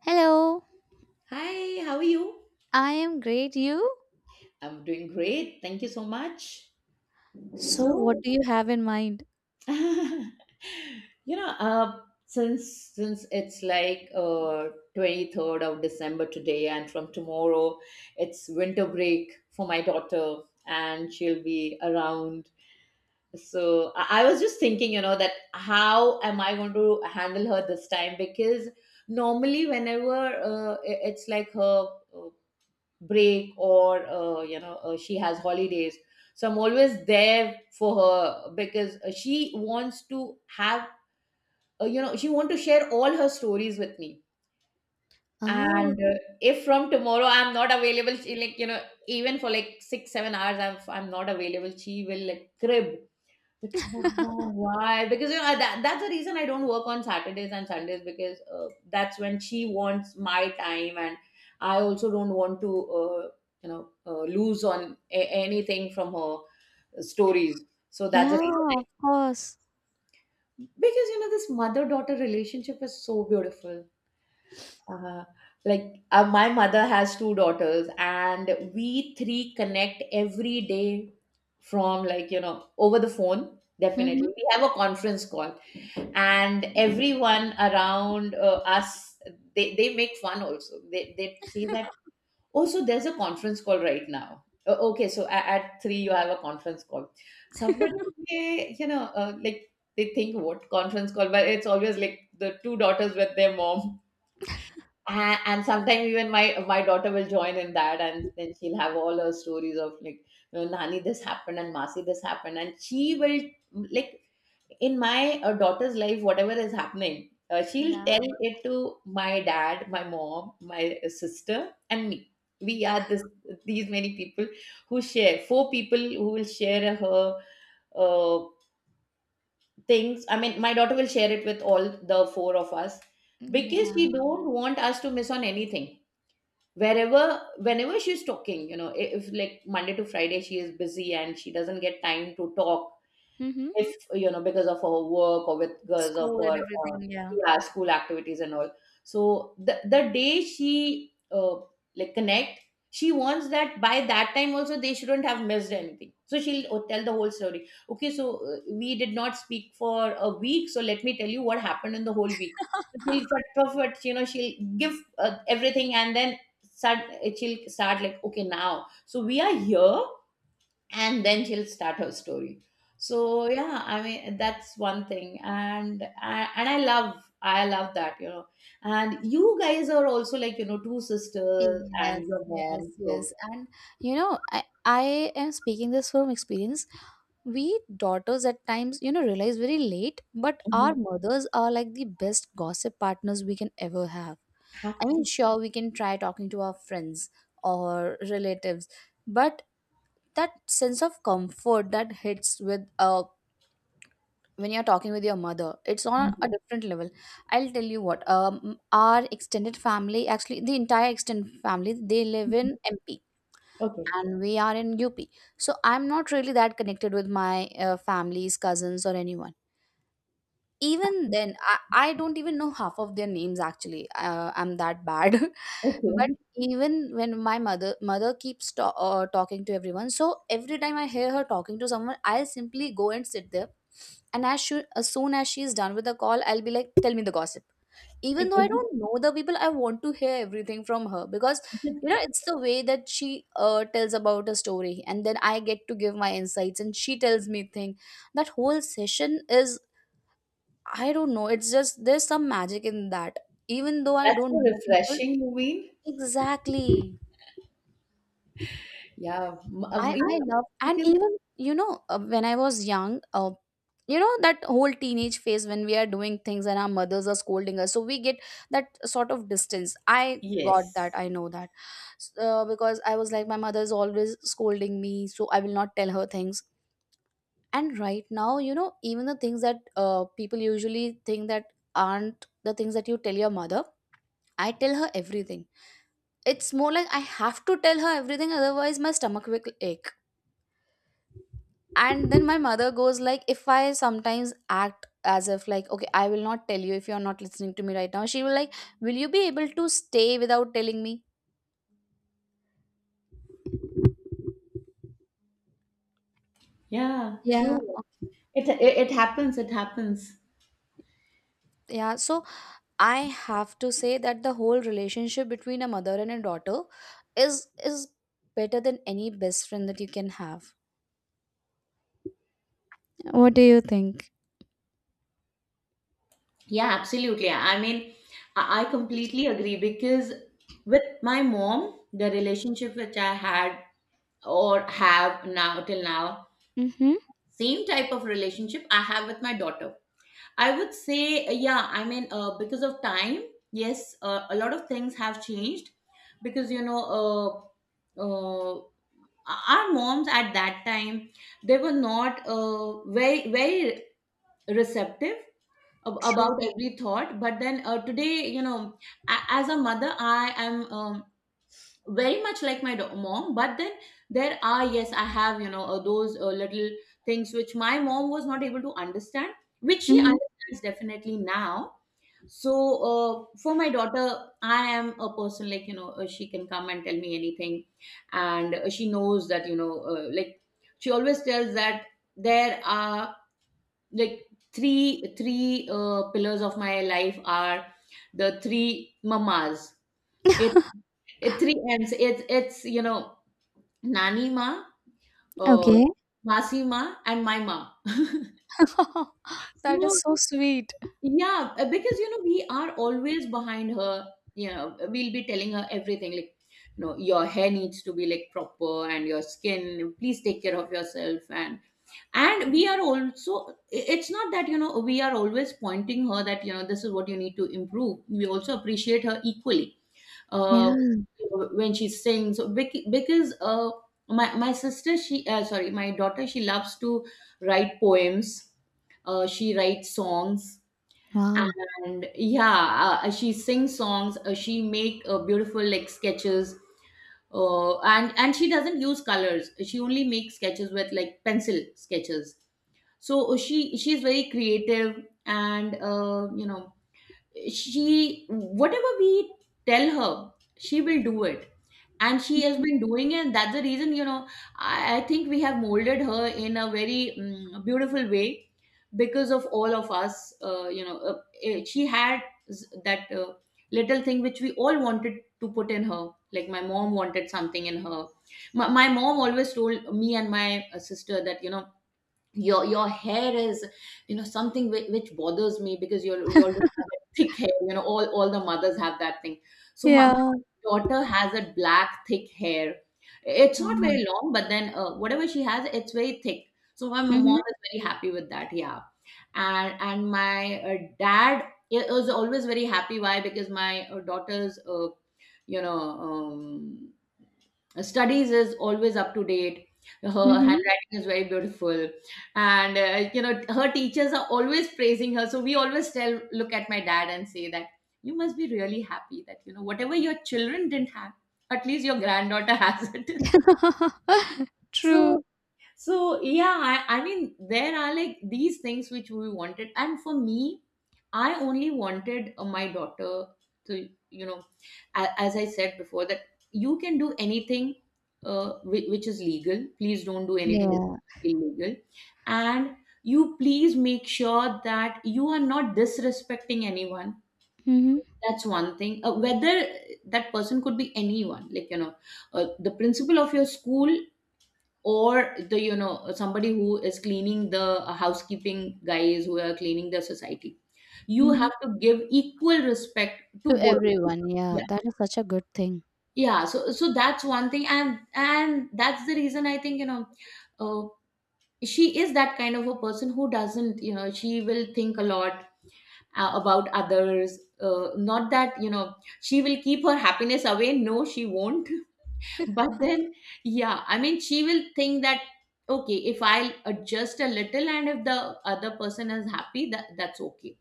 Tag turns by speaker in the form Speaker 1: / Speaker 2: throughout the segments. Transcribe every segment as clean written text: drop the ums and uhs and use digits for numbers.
Speaker 1: Hello,
Speaker 2: Hi, how are you?
Speaker 1: I am great. You?
Speaker 2: I'm doing great. Thank you so much.
Speaker 1: So,
Speaker 2: So,
Speaker 1: what do you have in mind?
Speaker 2: you know, uh, since it's like 23rd of December today, and from tomorrow, it's winter break for my daughter, and she'll be around. So I was just thinking, that how am I going to handle her this time? Because normally, whenever it's like her uh, break, or she has holidays, so I'm always there for her because she wants to have, she want to share all her stories with me. And
Speaker 1: Oh,
Speaker 2: if from tomorrow I'm not available, she like even for like 6-7 hours I'm not available, she will like crib. But why? Because that's the reason I don't work on Saturdays and Sundays, because that's when she wants my time, and I also don't want to, lose on anything from her stories. So that's the
Speaker 1: yeah,
Speaker 2: reason.
Speaker 1: of course.
Speaker 2: Because this mother-daughter relationship is so beautiful. Uh, like, my mother has two daughters, and we three connect every day, from, like, over the phone. Definitely,
Speaker 1: Mm-hmm.
Speaker 2: we have a conference call, and everyone around us, they make fun. Also they say that, oh, so there's a conference call right now. Oh, okay, so at three you have a conference call, somebody. They, you know like, they think what conference call, but it's always like the two daughters with their mom. And sometimes even my daughter will join in that, and then she'll have all her stories of, like, nani this happened and masi this happened. And she will like in my daughter's life, whatever is happening, she'll
Speaker 1: Yeah,
Speaker 2: tell it to my dad, my mom, my sister, and me. We are this these many people who share, four people who will share her uh, things. I mean, my daughter will share it with all the four of us, because
Speaker 1: Yeah.
Speaker 2: she don't want us to miss on anything. Wherever, whenever she's talking, if, like, Monday to Friday she is busy and she doesn't get time to talk,
Speaker 1: Mm-hmm.
Speaker 2: if you know because of her work, or with because of
Speaker 1: school and
Speaker 2: her,
Speaker 1: everything. Yeah.
Speaker 2: yeah, school activities and all. So the day she, like, connect, she wants that by that time also they shouldn't have missed anything. So she'll, tell the whole story, okay, so, we did not speak for a week, so let me tell you what happened in the whole week. So she'll perfect, she'll give, everything and then start, she'll start like, okay, now so we are here, and then she'll start her story. So yeah, I mean that's one thing. And and I love that. And you guys are also, like, two sisters
Speaker 1: Yes,
Speaker 2: and your
Speaker 1: yes,
Speaker 2: mom, so.
Speaker 1: yes. And you know, I am speaking this from experience. We daughters at times, you know, realize very late, but our
Speaker 2: Mhm.
Speaker 1: mothers are like the best gossip partners we can ever have. I mean,
Speaker 2: Happy.
Speaker 1: sure, we can try talking to our friends or relatives, but that sense of comfort that hits with, when you're talking with your mother, it's on
Speaker 2: Mhm.
Speaker 1: a different level. I'll tell you what. Our extended family, actually the entire extended family, they live
Speaker 2: Mhm.
Speaker 1: in MP,
Speaker 2: Okay.
Speaker 1: and we are in UP. So I'm not really that connected with my families cousins or anyone. Even then, I don't even know half of their names actually. I'm that bad. But
Speaker 2: Okay.
Speaker 1: even when my mother keeps talking to everyone, so every time I hear her talking to someone, I will simply go and sit there. And as soon as she's done with the call, I'll be like, tell me the gossip. Even though I
Speaker 2: Okay,
Speaker 1: don't know the people, I want to hear everything from her because you know it's the way that she tells about a story, and then I get to give my insights, and she tells me thing. That whole session is I don't know. It's just there's some magic in that. Even though I
Speaker 2: that's so
Speaker 1: don't know people,
Speaker 2: refreshing, you mean.
Speaker 1: exactly.
Speaker 2: Yeah,
Speaker 1: I
Speaker 2: yeah,
Speaker 1: love, and
Speaker 2: because
Speaker 1: even you know when I was young, you know that whole teenage phase when we are doing things and our mothers are scolding us, so we get that sort of distance. I got
Speaker 2: yes,
Speaker 1: that. I know that. Because I was like my mother is always scolding me, so I will not tell her things. And right now, you know, even the things that people usually think that aren't the things that you tell your mother, I tell her everything. It's more like I have to tell her everything, otherwise my stomach will ache. And then my mother goes like, if I sometimes act as if like, okay, I will not tell you if you're not listening to me right now. She will like, will you be able to stay without telling me?
Speaker 2: yeah,
Speaker 1: Yeah.
Speaker 2: true. It, it it happens, it happens.
Speaker 1: Yeah. So I have to say that the whole relationship between a mother and a daughter is better than any best friend that you can have. What do you think?
Speaker 2: Yeah, absolutely. I mean, I completely agree. Because with my mom, the relationship which I had or have now till now,
Speaker 1: Mm-hmm.
Speaker 2: same type of relationship I have with my daughter. I would say, yeah, I mean, because of time, yes, a lot of things have changed, because, you know, our moms at that time, they were not very, very receptive
Speaker 1: True.
Speaker 2: about every thought. But then, today, you know, as a mother I am, very much like my mom. But then there are, yes, I have, you know, those little things which my mom was not able to understand, which she
Speaker 1: Mm-hmm.
Speaker 2: understands definitely now. So, uh, for my daughter, I am a person like, you know, she can come and tell me anything. And she knows that, you know, like, she always tells that, there are, like, three pillars of my life are the three mamas. it it three ends It's, you know, nani ma, uh,
Speaker 1: Okay.
Speaker 2: masi ma, and my ma.
Speaker 1: That
Speaker 2: So
Speaker 1: is so sweet.
Speaker 2: yeah, because we are always behind her. We'll be telling her everything, like, your hair needs to be like proper, and your skin, please take care of yourself. And we are also, it's not that, we are always pointing her that, this is what you need to improve. We also appreciate her equally. uh
Speaker 1: Yeah.
Speaker 2: you know, when she sings. Because my sister, she, sorry, my daughter, she loves to write poems, she writes songs.
Speaker 1: Wow.
Speaker 2: And, yeah, she sings songs, she make, beautiful like sketches, and she doesn't use colors, she only makes sketches with, like, pencil sketches. So she's very creative. And, you know, she, whatever we tell her, she will do it. And she has been doing it. That's the reason, you know, I think we have molded her in a very beautiful way, because of all of us. She had, that little thing which we all wanted to put in her, like, my mom wanted something in her. My mom always told me and my sister that, you know, your hair is, you know, something which bothers me, because you're thick hair, you know, all the mothers have that thing. So my
Speaker 1: Yeah.
Speaker 2: daughter has a black thick hair. It's not
Speaker 1: Wow.
Speaker 2: very long, but then, whatever she has, it's very thick. So my mom
Speaker 1: Mhm.
Speaker 2: is very happy with that, yeah. And my dad is always very happy. Why? Because my daughter's, you know um, studies is always up to date. Her
Speaker 1: Mhm.
Speaker 2: handwriting is very beautiful, and, her teachers are always praising her. So we always tell, look at my dad and say that, you must be really happy that, you know, whatever your children didn't have, at least your granddaughter has it. so
Speaker 1: True.
Speaker 2: so yeah, I mean, there are, like, these things which we wanted, and for me, I only wanted, my daughter to, you know, as I said before, that you can do anything, which is legal. Please don't do anything which
Speaker 1: Yeah.
Speaker 2: is illegal. And you please make sure that you are not disrespecting anyone.
Speaker 1: Mhm.
Speaker 2: That's one thing, whether that person could be anyone, like, you know, the principal of your school, or the, you know, somebody who is cleaning the, housekeeping guys who are cleaning the society. You
Speaker 1: Mhm.
Speaker 2: have to give equal respect to
Speaker 1: To
Speaker 2: both of
Speaker 1: everyone. Yeah.
Speaker 2: them.
Speaker 1: That is such a good thing.
Speaker 2: Yeah, so that's one thing. And that's the reason I think, you know, uh, she is that kind of a person who doesn't, you know, she will think a lot, about others. Not that, you know, she will keep her happiness away, no, she won't. But then, yeah, I mean, she will think that, okay, if I adjust a little and if the other person is happy, that's okay.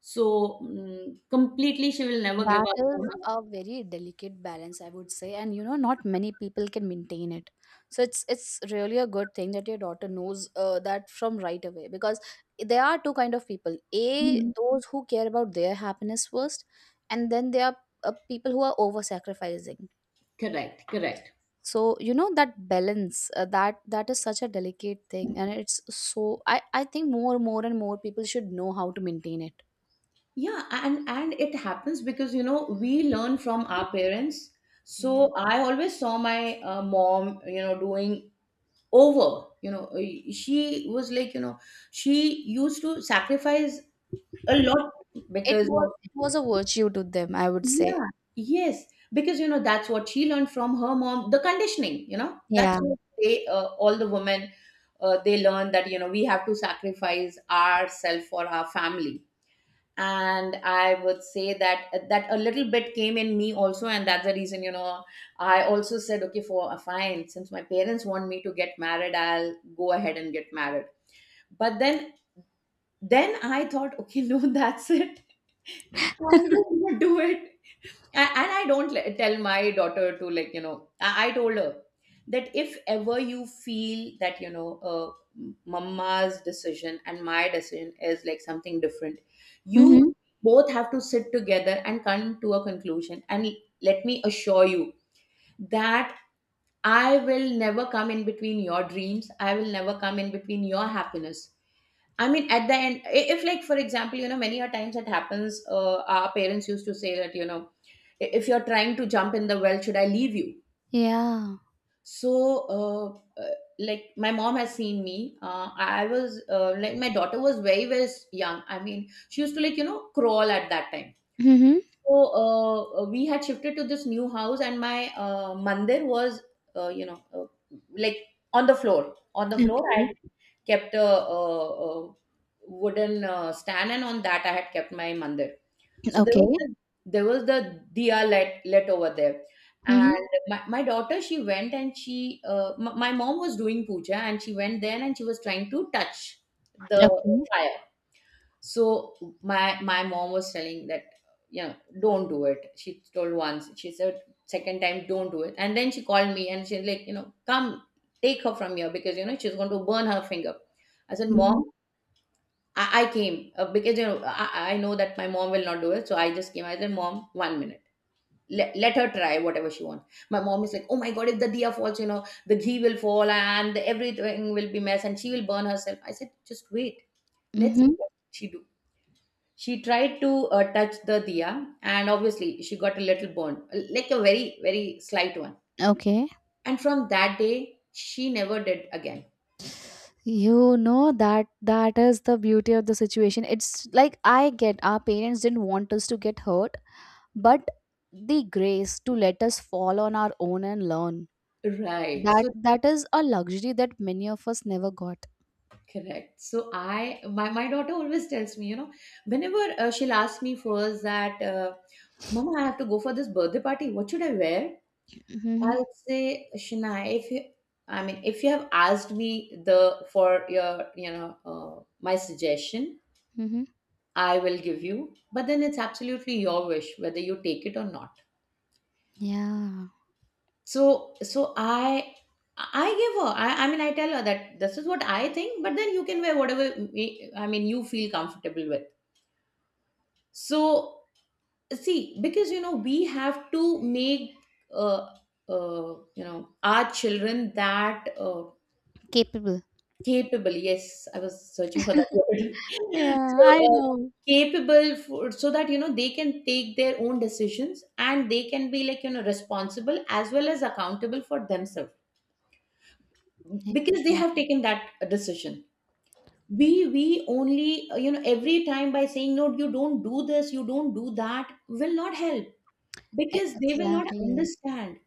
Speaker 2: So completely, she will never give
Speaker 1: That
Speaker 2: up on
Speaker 1: is
Speaker 2: her.
Speaker 1: a very delicate balance, I would say, and you know, not many people can maintain it. So it's really a good thing that your daughter knows that from right away, because there are two kind of people: a,
Speaker 2: Mhm.
Speaker 1: those who care about their happiness first, and then there are people who are over sacrificing.
Speaker 2: Correct, correct,
Speaker 1: So you know that balance that that is such a delicate thing, and it's so I think more more and more people should know how to maintain it.
Speaker 2: yeah. And it happens because, you know, we learn from our parents.
Speaker 1: Yeah.
Speaker 2: So I always saw my, mom, you know, doing over, you know, she was like, you know, she used to sacrifice a lot,
Speaker 1: It
Speaker 2: because
Speaker 1: was
Speaker 2: of,
Speaker 1: it was a virtue to them, I would say.
Speaker 2: yeah, yes, because, you know, that's what she learned from her mom, the conditioning, you know, that's
Speaker 1: Yeah.
Speaker 2: what they, all the women, they learn, that, you know, we have to sacrifice ourselves for our family. And I would say that a little bit came in me also. And that's the reason, you know, I also said, okay, for a fine, since my parents want me to get married, I'll go ahead and get married. But then I thought, okay, no, that's it, I will not do it. And I don't tell my daughter to, like, you know, I told her, that if ever you feel that, you know, mama's decision and my decision is like something different, you
Speaker 1: Mhm.
Speaker 2: both have to sit together and come to a conclusion. And let me assure you that I will never come in between your dreams, I will never come in between your happiness. I mean, at the end, if, like, for example, you know, many a times it happens. Our parents used to say that, you know, if you're trying to jump in the well, should I leave you?
Speaker 1: Yeah.
Speaker 2: So uh, uh, like my mom has seen me. I was like my daughter was very very young, I mean, she used to like, you know, crawl at that time.
Speaker 1: Mhm.
Speaker 2: So we had shifted to this new house and my mandir was, uh, you know uh, like on the floor. On the
Speaker 1: Okay.
Speaker 2: floor I had kept a wooden stand, and on that I had kept my mandir. So
Speaker 1: Okay.
Speaker 2: there was the diya let over there,
Speaker 1: Mhm.
Speaker 2: and my daughter she went, and she my mom was doing puja, and she went there and she was trying to touch the
Speaker 1: Okay.
Speaker 2: fire. So my mom was telling that, you know, don't do it. She told once, she said second time don't do it, and then she called me and she's like, you know, come take her from here because, you know, she's going to burn her finger. I said,
Speaker 1: Mhm.
Speaker 2: Mom, I came, because, you know, I know that my mom will not do it, so I just came. I said, "Mom, 1 minute. Let her try whatever she wants." My mom is like, "Oh my god, if the diya falls, you know, the ghee will fall and everything will be mess, and she will burn herself." I said, "Just wait. Let's see
Speaker 1: Mhm.
Speaker 2: what she do." She tried to touch the diya, and obviously she got a little burn, like a very very slight one.
Speaker 1: Okay.
Speaker 2: And from that day, she never did again.
Speaker 1: You know that that is the beauty of the situation. It's like I get our parents didn't want us to get hurt, but the grace to let us fall on our own and learn.
Speaker 2: Right.
Speaker 1: That
Speaker 2: So
Speaker 1: that is a luxury that many of us never got.
Speaker 2: correct. So my daughter always tells me, you know, whenever she'll ask me first that, Mama, I have to go for this birthday party. What should I wear?
Speaker 1: Mhm.
Speaker 2: I'll say, Shania, if you, I mean, if you have asked me the for your, you know, my suggestion,
Speaker 1: Mhm.
Speaker 2: I will give you. But then it's absolutely your wish whether you take it or not.
Speaker 1: Yeah.
Speaker 2: So, so I, I give her. I mean, I tell her that this is what I think. But then you can wear whatever. I mean, you feel comfortable with. So see, because, you know, we have to make uh, you know, our children that
Speaker 1: Capable.
Speaker 2: capable. Yes, I was searching for that word.
Speaker 1: Yeah,
Speaker 2: So
Speaker 1: I know.
Speaker 2: capable for, so that, you know, they can take their own decisions and they can be, like, you know, responsible as well as accountable for themselves
Speaker 1: Yeah.
Speaker 2: because they have taken that decision. We only, you know, every time by saying no, you don't do this, you don't do that, will not help, because they will not
Speaker 1: Exactly.
Speaker 2: understand.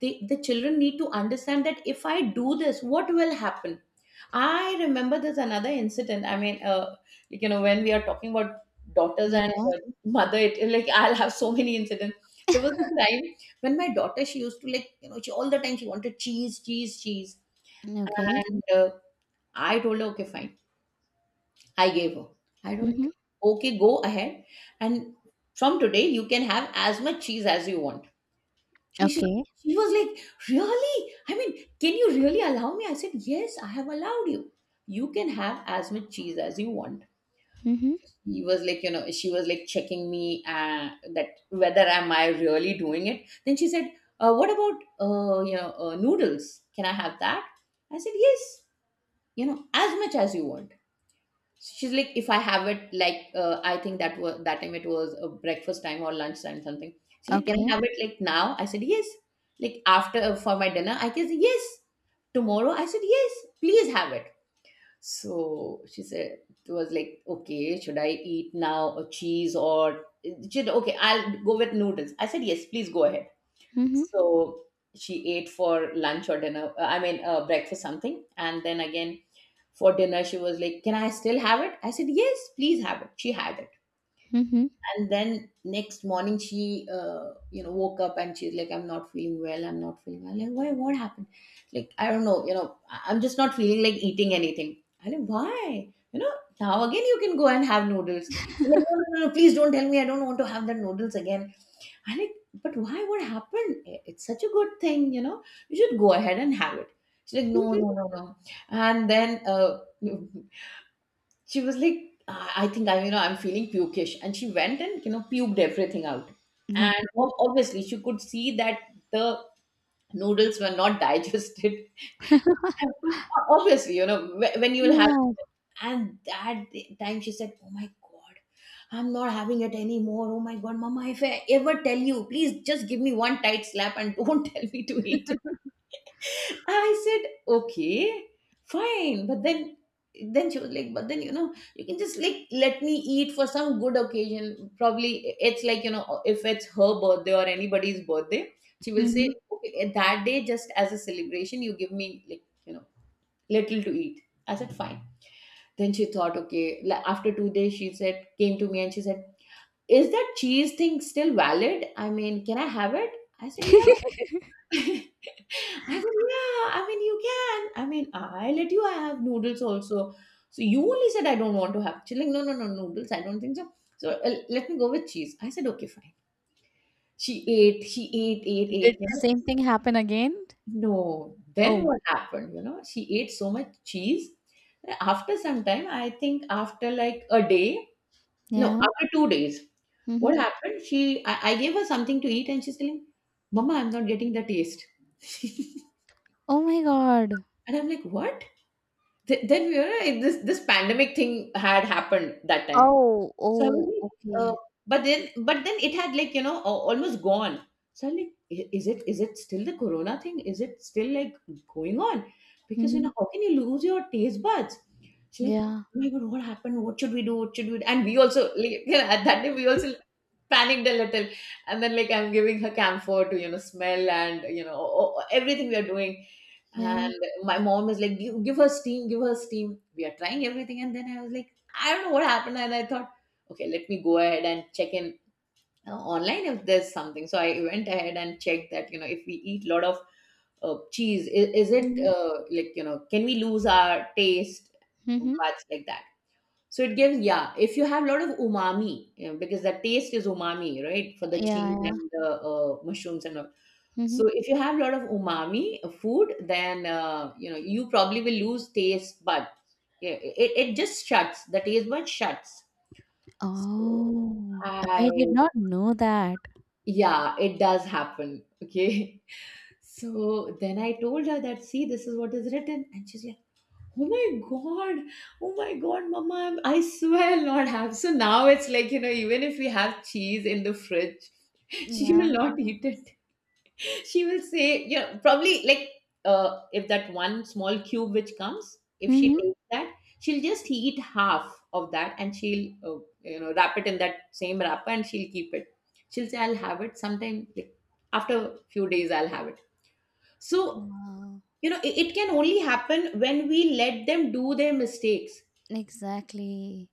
Speaker 2: The children need to understand that if I do this, what will happen. I remember there's another incident. I mean, like, you know, when we are talking about daughters
Speaker 1: Yeah.
Speaker 2: and mother, it like, I'll have so many incidents. There was a time when my daughter, she used to like, you know, she all the time she wanted cheese, cheese.
Speaker 1: Okay.
Speaker 2: And I told her, okay fine. I gave her, I told her, okay, go ahead, and from today you can have as much cheese as you want. she should,
Speaker 1: Okay.
Speaker 2: she was like, Really? I mean, can you really allow me? I said, Yes, I have allowed you. You can have as much cheese as you want.
Speaker 1: Mhm.
Speaker 2: He was like, you know, she was like checking me, that whether am I really doing it. Then she said, What about, noodles? Can I have that? I said, Yes, you know, as much as you want. She's like, if I have it, like, I think that was that time, it was a breakfast time or lunch time something. She's like, can
Speaker 1: Okay.
Speaker 2: I have it like now? I said, yes. Like after, for my dinner I guess? Yes. Tomorrow? I said, yes, please have it. So she said, it was like, okay, should I eat now a cheese? Or she said, okay, I'll go with noodles. I said, yes, please go ahead.
Speaker 1: Mhm.
Speaker 2: So she ate for lunch or dinner, I mean breakfast something, and then again for dinner she was like, can I still have it? I said, yes, please have it. She had it.
Speaker 1: Mhm.
Speaker 2: And then next morning she, you know, woke up and she's like, I'm not feeling well, I'm not feeling well. Like, why, what happened? Like, I don't know, you know, I'm just not feeling like eating anything. I like, why, you know, now again you can go and have noodles. I'm like, no, no, no, no, please don't tell me, I don't want to have the noodles again. I like, but why, what happened? It's such a good thing, you know, you should go ahead and have it. She's like, no, no, no, no. And then she was like, I think, I you know, I'm feeling pukish, and she went and, you know, puked everything out. And
Speaker 1: Okay.
Speaker 2: obviously she could see that the noodles were not digested. And obviously, you know, when you will have,
Speaker 1: Yeah.
Speaker 2: and that time she said, oh my god, I'm not having it anymore. Oh my god, mama, if I ever tell you, please just give me one tight slap and don't tell me to eat. I said, okay, fine. But then she was like, but then, you know, you can just like let me eat for some good occasion. Probably it's like, you know, if it's her birthday or anybody's birthday, she will say,
Speaker 1: Mhm.
Speaker 2: okay, that day just as a celebration, you give me, like, you know, little to eat. I said, fine. Then she thought, okay, like after 2 days, she said, came to me and she said, is that cheese thing still valid? I mean, can I have it? I said, yeah. I said, yeah, I mean, you can. I mean, I let you have noodles also. So you only said, I don't want to have. She's like, no, no, no, noodles, I don't think so. So let me go with cheese. I said, okay, fine. She ate, ate,
Speaker 1: Did
Speaker 2: ate, you
Speaker 1: the
Speaker 2: know.
Speaker 1: same thing happen again?
Speaker 2: No. Then
Speaker 1: Oh,
Speaker 2: what happened? You know, she ate so much cheese. After some time, I think after like a day, no,
Speaker 1: yeah.
Speaker 2: after 2 days,
Speaker 1: Mhm.
Speaker 2: what happened? I gave her something to eat and she's telling, Mama, I'm not getting the taste.
Speaker 1: Oh my God.
Speaker 2: And I'm like, what? Then we were like, this pandemic thing had happened that time.
Speaker 1: Oh,
Speaker 2: So I was
Speaker 1: oh,
Speaker 2: like,
Speaker 1: okay.
Speaker 2: but then, it had like, you know, almost gone. So I'm like, Is it still the corona thing? Is it still like going on? Because, you know,
Speaker 1: Mhm.
Speaker 2: how can you lose your taste buds?" She's like,
Speaker 1: Yeah.
Speaker 2: oh my god, what happened? What should we do? What should we do? And we also like you know, at that time we also panicked a little. And then, like, I'm giving her camphor to, you know, smell, and, you know, everything we are doing.
Speaker 1: Yeah.
Speaker 2: And my mom is like, give her steam, give her steam. We are trying everything. And then I was like, I don't know what happened. And I thought, okay, let me go ahead and check in, online, if there's something. So I went ahead and checked that, you know, if we eat a lot of cheese, is it
Speaker 1: Mhm.
Speaker 2: like, you know, can we lose our taste?
Speaker 1: Mhm.
Speaker 2: Buds, like that. So it gives, yeah, if you have a lot of umami, you know, because the taste is umami, right? For the
Speaker 1: Yeah,
Speaker 2: cheese
Speaker 1: yeah.
Speaker 2: and the mushrooms and all.
Speaker 1: Mhm.
Speaker 2: So if you have a lot of umami food, then you know, you probably will lose taste buds. Yeah, it just shuts. The taste bud shuts.
Speaker 1: Oh, I did
Speaker 2: I
Speaker 1: not know that.
Speaker 2: yeah, it does happen. Okay. So then I told her that, see, this is what is written, and she's like, oh my god, oh my god, mama, I swear, lord have. So now it's like, you know, even if we have cheese in the fridge, she
Speaker 1: Yeah.
Speaker 2: will not eat it. She will say, you know, probably like, if that one small cube which comes, if she
Speaker 1: Mhm.
Speaker 2: takes that, she'll just eat half of that, and she'll, you know, wrap it in that same wrapper, and she'll keep it. She'll say, I'll have it sometime, like after a few days I'll have it. So
Speaker 1: Wow.
Speaker 2: you know, it can only happen when we let them do their mistakes.
Speaker 1: Exactly.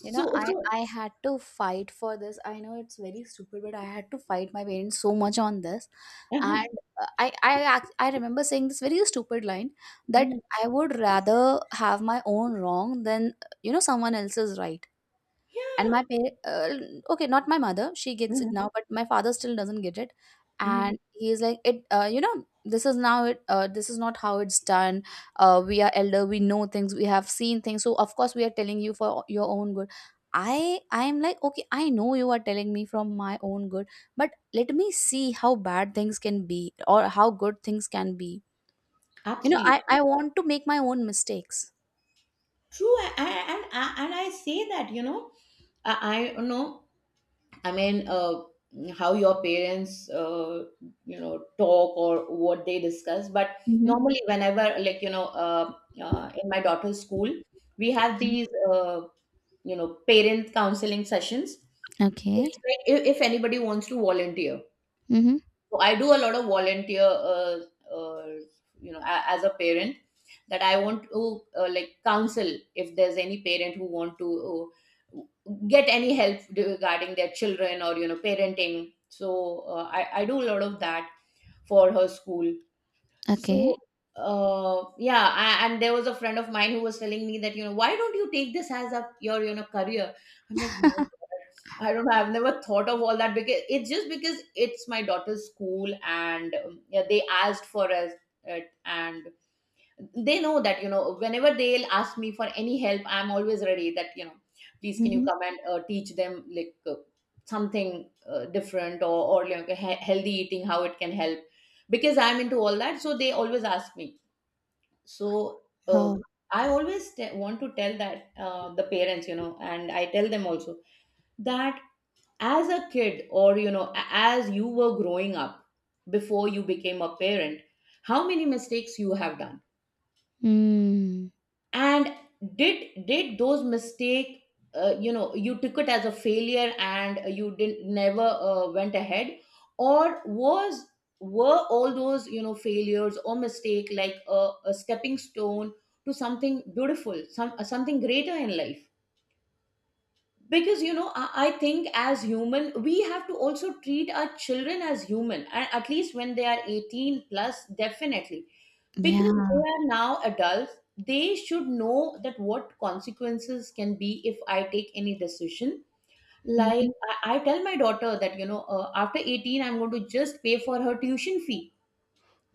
Speaker 1: You
Speaker 2: So
Speaker 1: know, I
Speaker 2: so
Speaker 1: I had to fight for this. I know it's very stupid, but I had to fight my parents so much on this. And
Speaker 2: uh-huh,
Speaker 1: I remember saying this very stupid line that
Speaker 2: mhm,
Speaker 1: I would rather have my own wrong than you know someone else's right. And my
Speaker 2: yeah,
Speaker 1: pa uh, okay, not my mother, she gets it
Speaker 2: mhm,
Speaker 1: now, but my father still doesn't get it.
Speaker 2: mhm,
Speaker 1: And he's like, you know, this is now this is not how it's done. We are elder, we know things, we have seen things. So of course we are telling you for your own good. I am like, okay, I know you are telling me from my own good, but let me see how bad things can be or how good things can be. You know, I,
Speaker 2: absolutely
Speaker 1: I want to make my own mistakes.
Speaker 2: true. And and I say that, you know, I know, I mean, how your parents, you know, talk or what they discuss, but
Speaker 1: Mm-hmm.
Speaker 2: normally whenever, like, you know, in my daughter's school, we have these uh, you know, parent counseling sessions.
Speaker 1: Okay.
Speaker 2: It's like if anybody wants to volunteer.
Speaker 1: Mm-hmm.
Speaker 2: So I do a lot of volunteer, uh, you know, as a parent, that I want to like counsel if there's any parent who want to uh, get any help regarding their children or you know parenting. So I do a lot of that for her school.
Speaker 1: Okay.
Speaker 2: So, yeah, I, and there was a friend of mine who was telling me that, you know, why don't you take this as a your, you know, career? I'm like, my God, I don't know. I've never thought of all that because it's just because it's my daughter's school and yeah, they asked for us it and they know that you know whenever they'll ask me for any help, I'm always ready that you know please can you
Speaker 1: Mhm.
Speaker 2: come and teach them like something different or like healthy eating how it can help because I'm into all that so they always ask me. So uh,
Speaker 1: Oh.
Speaker 2: I always want to tell that the parents you know and I tell them also that as a kid or you know as you were growing up before you became a parent how many mistakes you have done
Speaker 1: Mm.
Speaker 2: and did those mistake you know you took it as a failure and you didn't never went ahead or was were all those you know failures or mistake like a stepping stone to something beautiful, some something greater in life because you know I think as human we have to also treat our children as human and at least when they are 18 plus definitely because
Speaker 1: Yeah.
Speaker 2: they are now adults. They should know that what consequences can be if I take any decision like
Speaker 1: Mhm.
Speaker 2: I tell my daughter that you know after 18 I'm going to just pay for her tuition fee.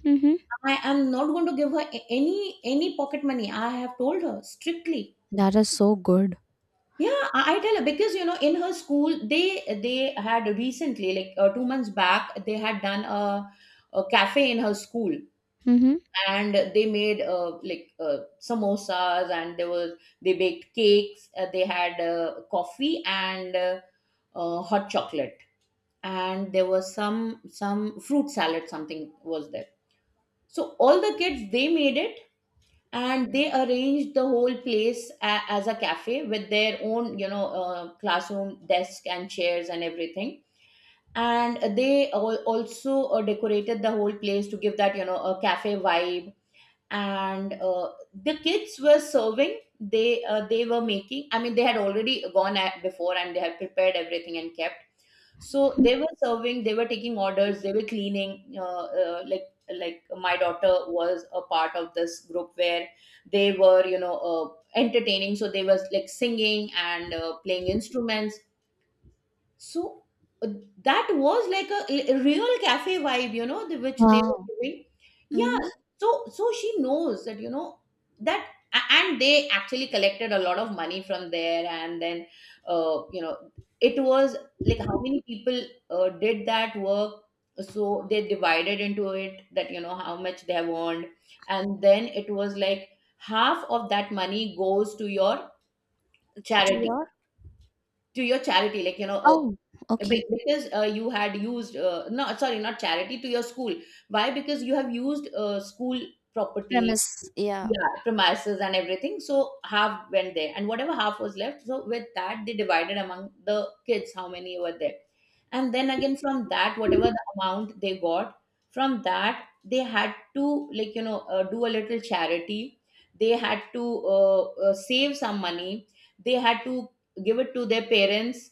Speaker 1: Mhm.
Speaker 2: I am not going to give her any pocket money. I have told her strictly.
Speaker 1: That is so good.
Speaker 2: Yeah, I tell her because you know in her school they had recently like 2 months back they had done a cafe in her school
Speaker 1: Mm-hmm.
Speaker 2: and they made like samosas and there was, they baked cakes, they had coffee and hot chocolate and there was some fruit salad, something was there. So all the kids they made it and they arranged the whole place as a cafe with their own you know classroom desk and chairs and everything, and they also decorated the whole place to give that you know a cafe vibe. And the kids were serving, they were making, I mean they had already gone at before and they had prepared everything and kept. So they were serving, they were taking orders, they were cleaning. Like my daughter was a part of this group where they were you know entertaining. So they was like singing and playing instruments. So uh, that was like a real cafe vibe, you know, the, which they were
Speaker 1: Wow.
Speaker 2: giving. Yeah.
Speaker 1: Mm-hmm.
Speaker 2: So so she knows that you know that, and they actually collected a lot of money from there, and then you know it was like how many people did that work. So they divided into it that you know how much they have earned, and then it was like half of that money goes to your
Speaker 1: To
Speaker 2: charity,
Speaker 1: your
Speaker 2: to your charity, like you know
Speaker 1: Oh, okay.
Speaker 2: because you had used no sorry not charity, to your school. Why? Because you have used school property.
Speaker 1: premise. Yeah,
Speaker 2: Yeah, premises and everything. So half went there and whatever half was left, so with that they divided among the kids, how many were there. And then again from that whatever the amount they got, from that they had to like you know do a little charity, they had to save some money, they had to give it to their parents.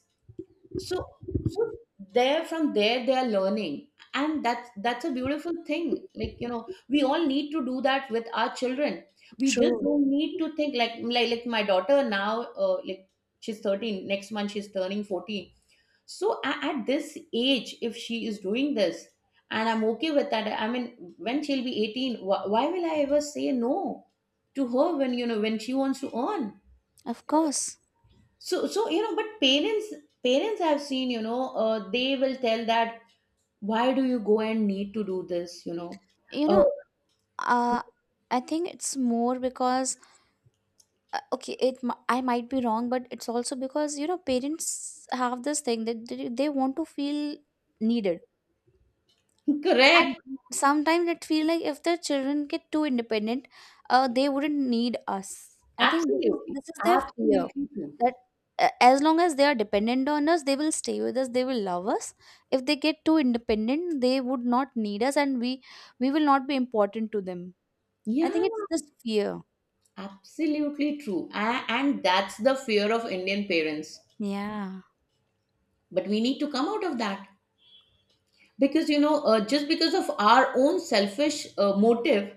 Speaker 2: So so there, from there they are learning, and that's a beautiful thing, like you know we all need to do that with our children. We just
Speaker 1: true.
Speaker 2: don't need to think like like my daughter now like she's 13 next month, she's turning 14. So at this age if she is doing this and I'm okay with that, I mean when she'll be 18, why will I ever say no to her when you know when she wants to earn.
Speaker 1: Of course.
Speaker 2: So, so you know, but parents, parents I've seen, you know, they will tell that why do you go and need to do this, you know?
Speaker 1: You
Speaker 2: Uh,
Speaker 1: know, uh, I think it's more because, okay, I might be wrong, but it's also because you know parents have this thing that they want to feel needed, and
Speaker 2: correct.
Speaker 1: sometimes it feel like if their children get too independent, they wouldn't need us. I think this is
Speaker 2: Absolutely.
Speaker 1: this is their fear,
Speaker 2: Absolutely true.
Speaker 1: that as long as they are dependent on us, they will stay with us, they will love us. If they get too independent, they would not need us, and we will not be important to them. I
Speaker 2: Yeah,
Speaker 1: think it's this fear.
Speaker 2: absolutely true. And that's the fear of Indian parents.
Speaker 1: Yeah.
Speaker 2: But we need to come out of that because, you know, just because of our own selfish motive,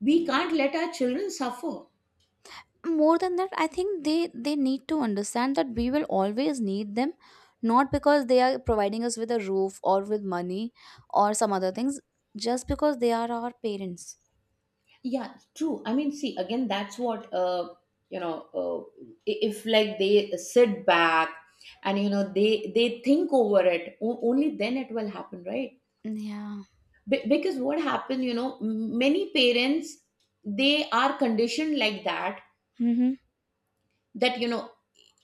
Speaker 2: we can't let our children suffer.
Speaker 1: More than that, I think they need to understand that we will always need them, not because they are providing us with a roof or with money or some other things, just because they are our parents.
Speaker 2: Yeah, true. I mean, see, again, that's what you know. If like they sit back and you know they think over it, only then it will happen, right?
Speaker 1: Yeah.
Speaker 2: Because what happened, you know, many parents, they are conditioned like that,
Speaker 1: Mm-hmm.
Speaker 2: that you know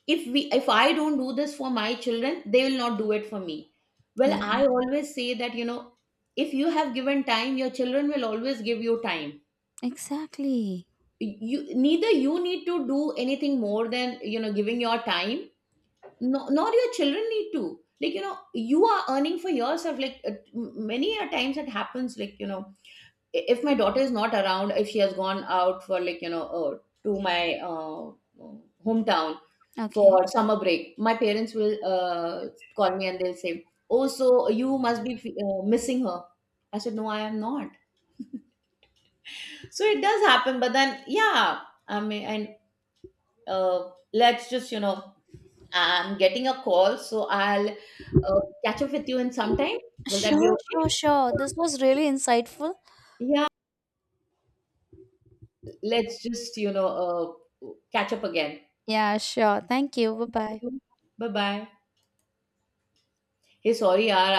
Speaker 2: if we if I don't do this for my children, they will not do it for me. Well,
Speaker 1: Yeah,
Speaker 2: I always say that you know if you have given time, your children will always give you time.
Speaker 1: exactly.
Speaker 2: You neither you need to do anything more than you know giving your time. No, nor your children need to, like you know you are earning for yourself, like many a times it happens like you know if my daughter is not around, if she has gone out for like you know to my hometown
Speaker 1: Okay.
Speaker 2: for summer break, my parents will call me and they'll say, oh so you must be missing her. I said no, I am not. So it does happen, but then yeah, I mean, and let's just you know, I'm getting a call so I'll catch up with you in some time. Will that be
Speaker 1: Sure,
Speaker 2: okay?
Speaker 1: sure, sure, this was really insightful.
Speaker 2: Yeah, let's just you know catch up again.
Speaker 1: Yeah, sure. Thank you. Bye bye.
Speaker 2: Bye bye. Hey, sorry yaar.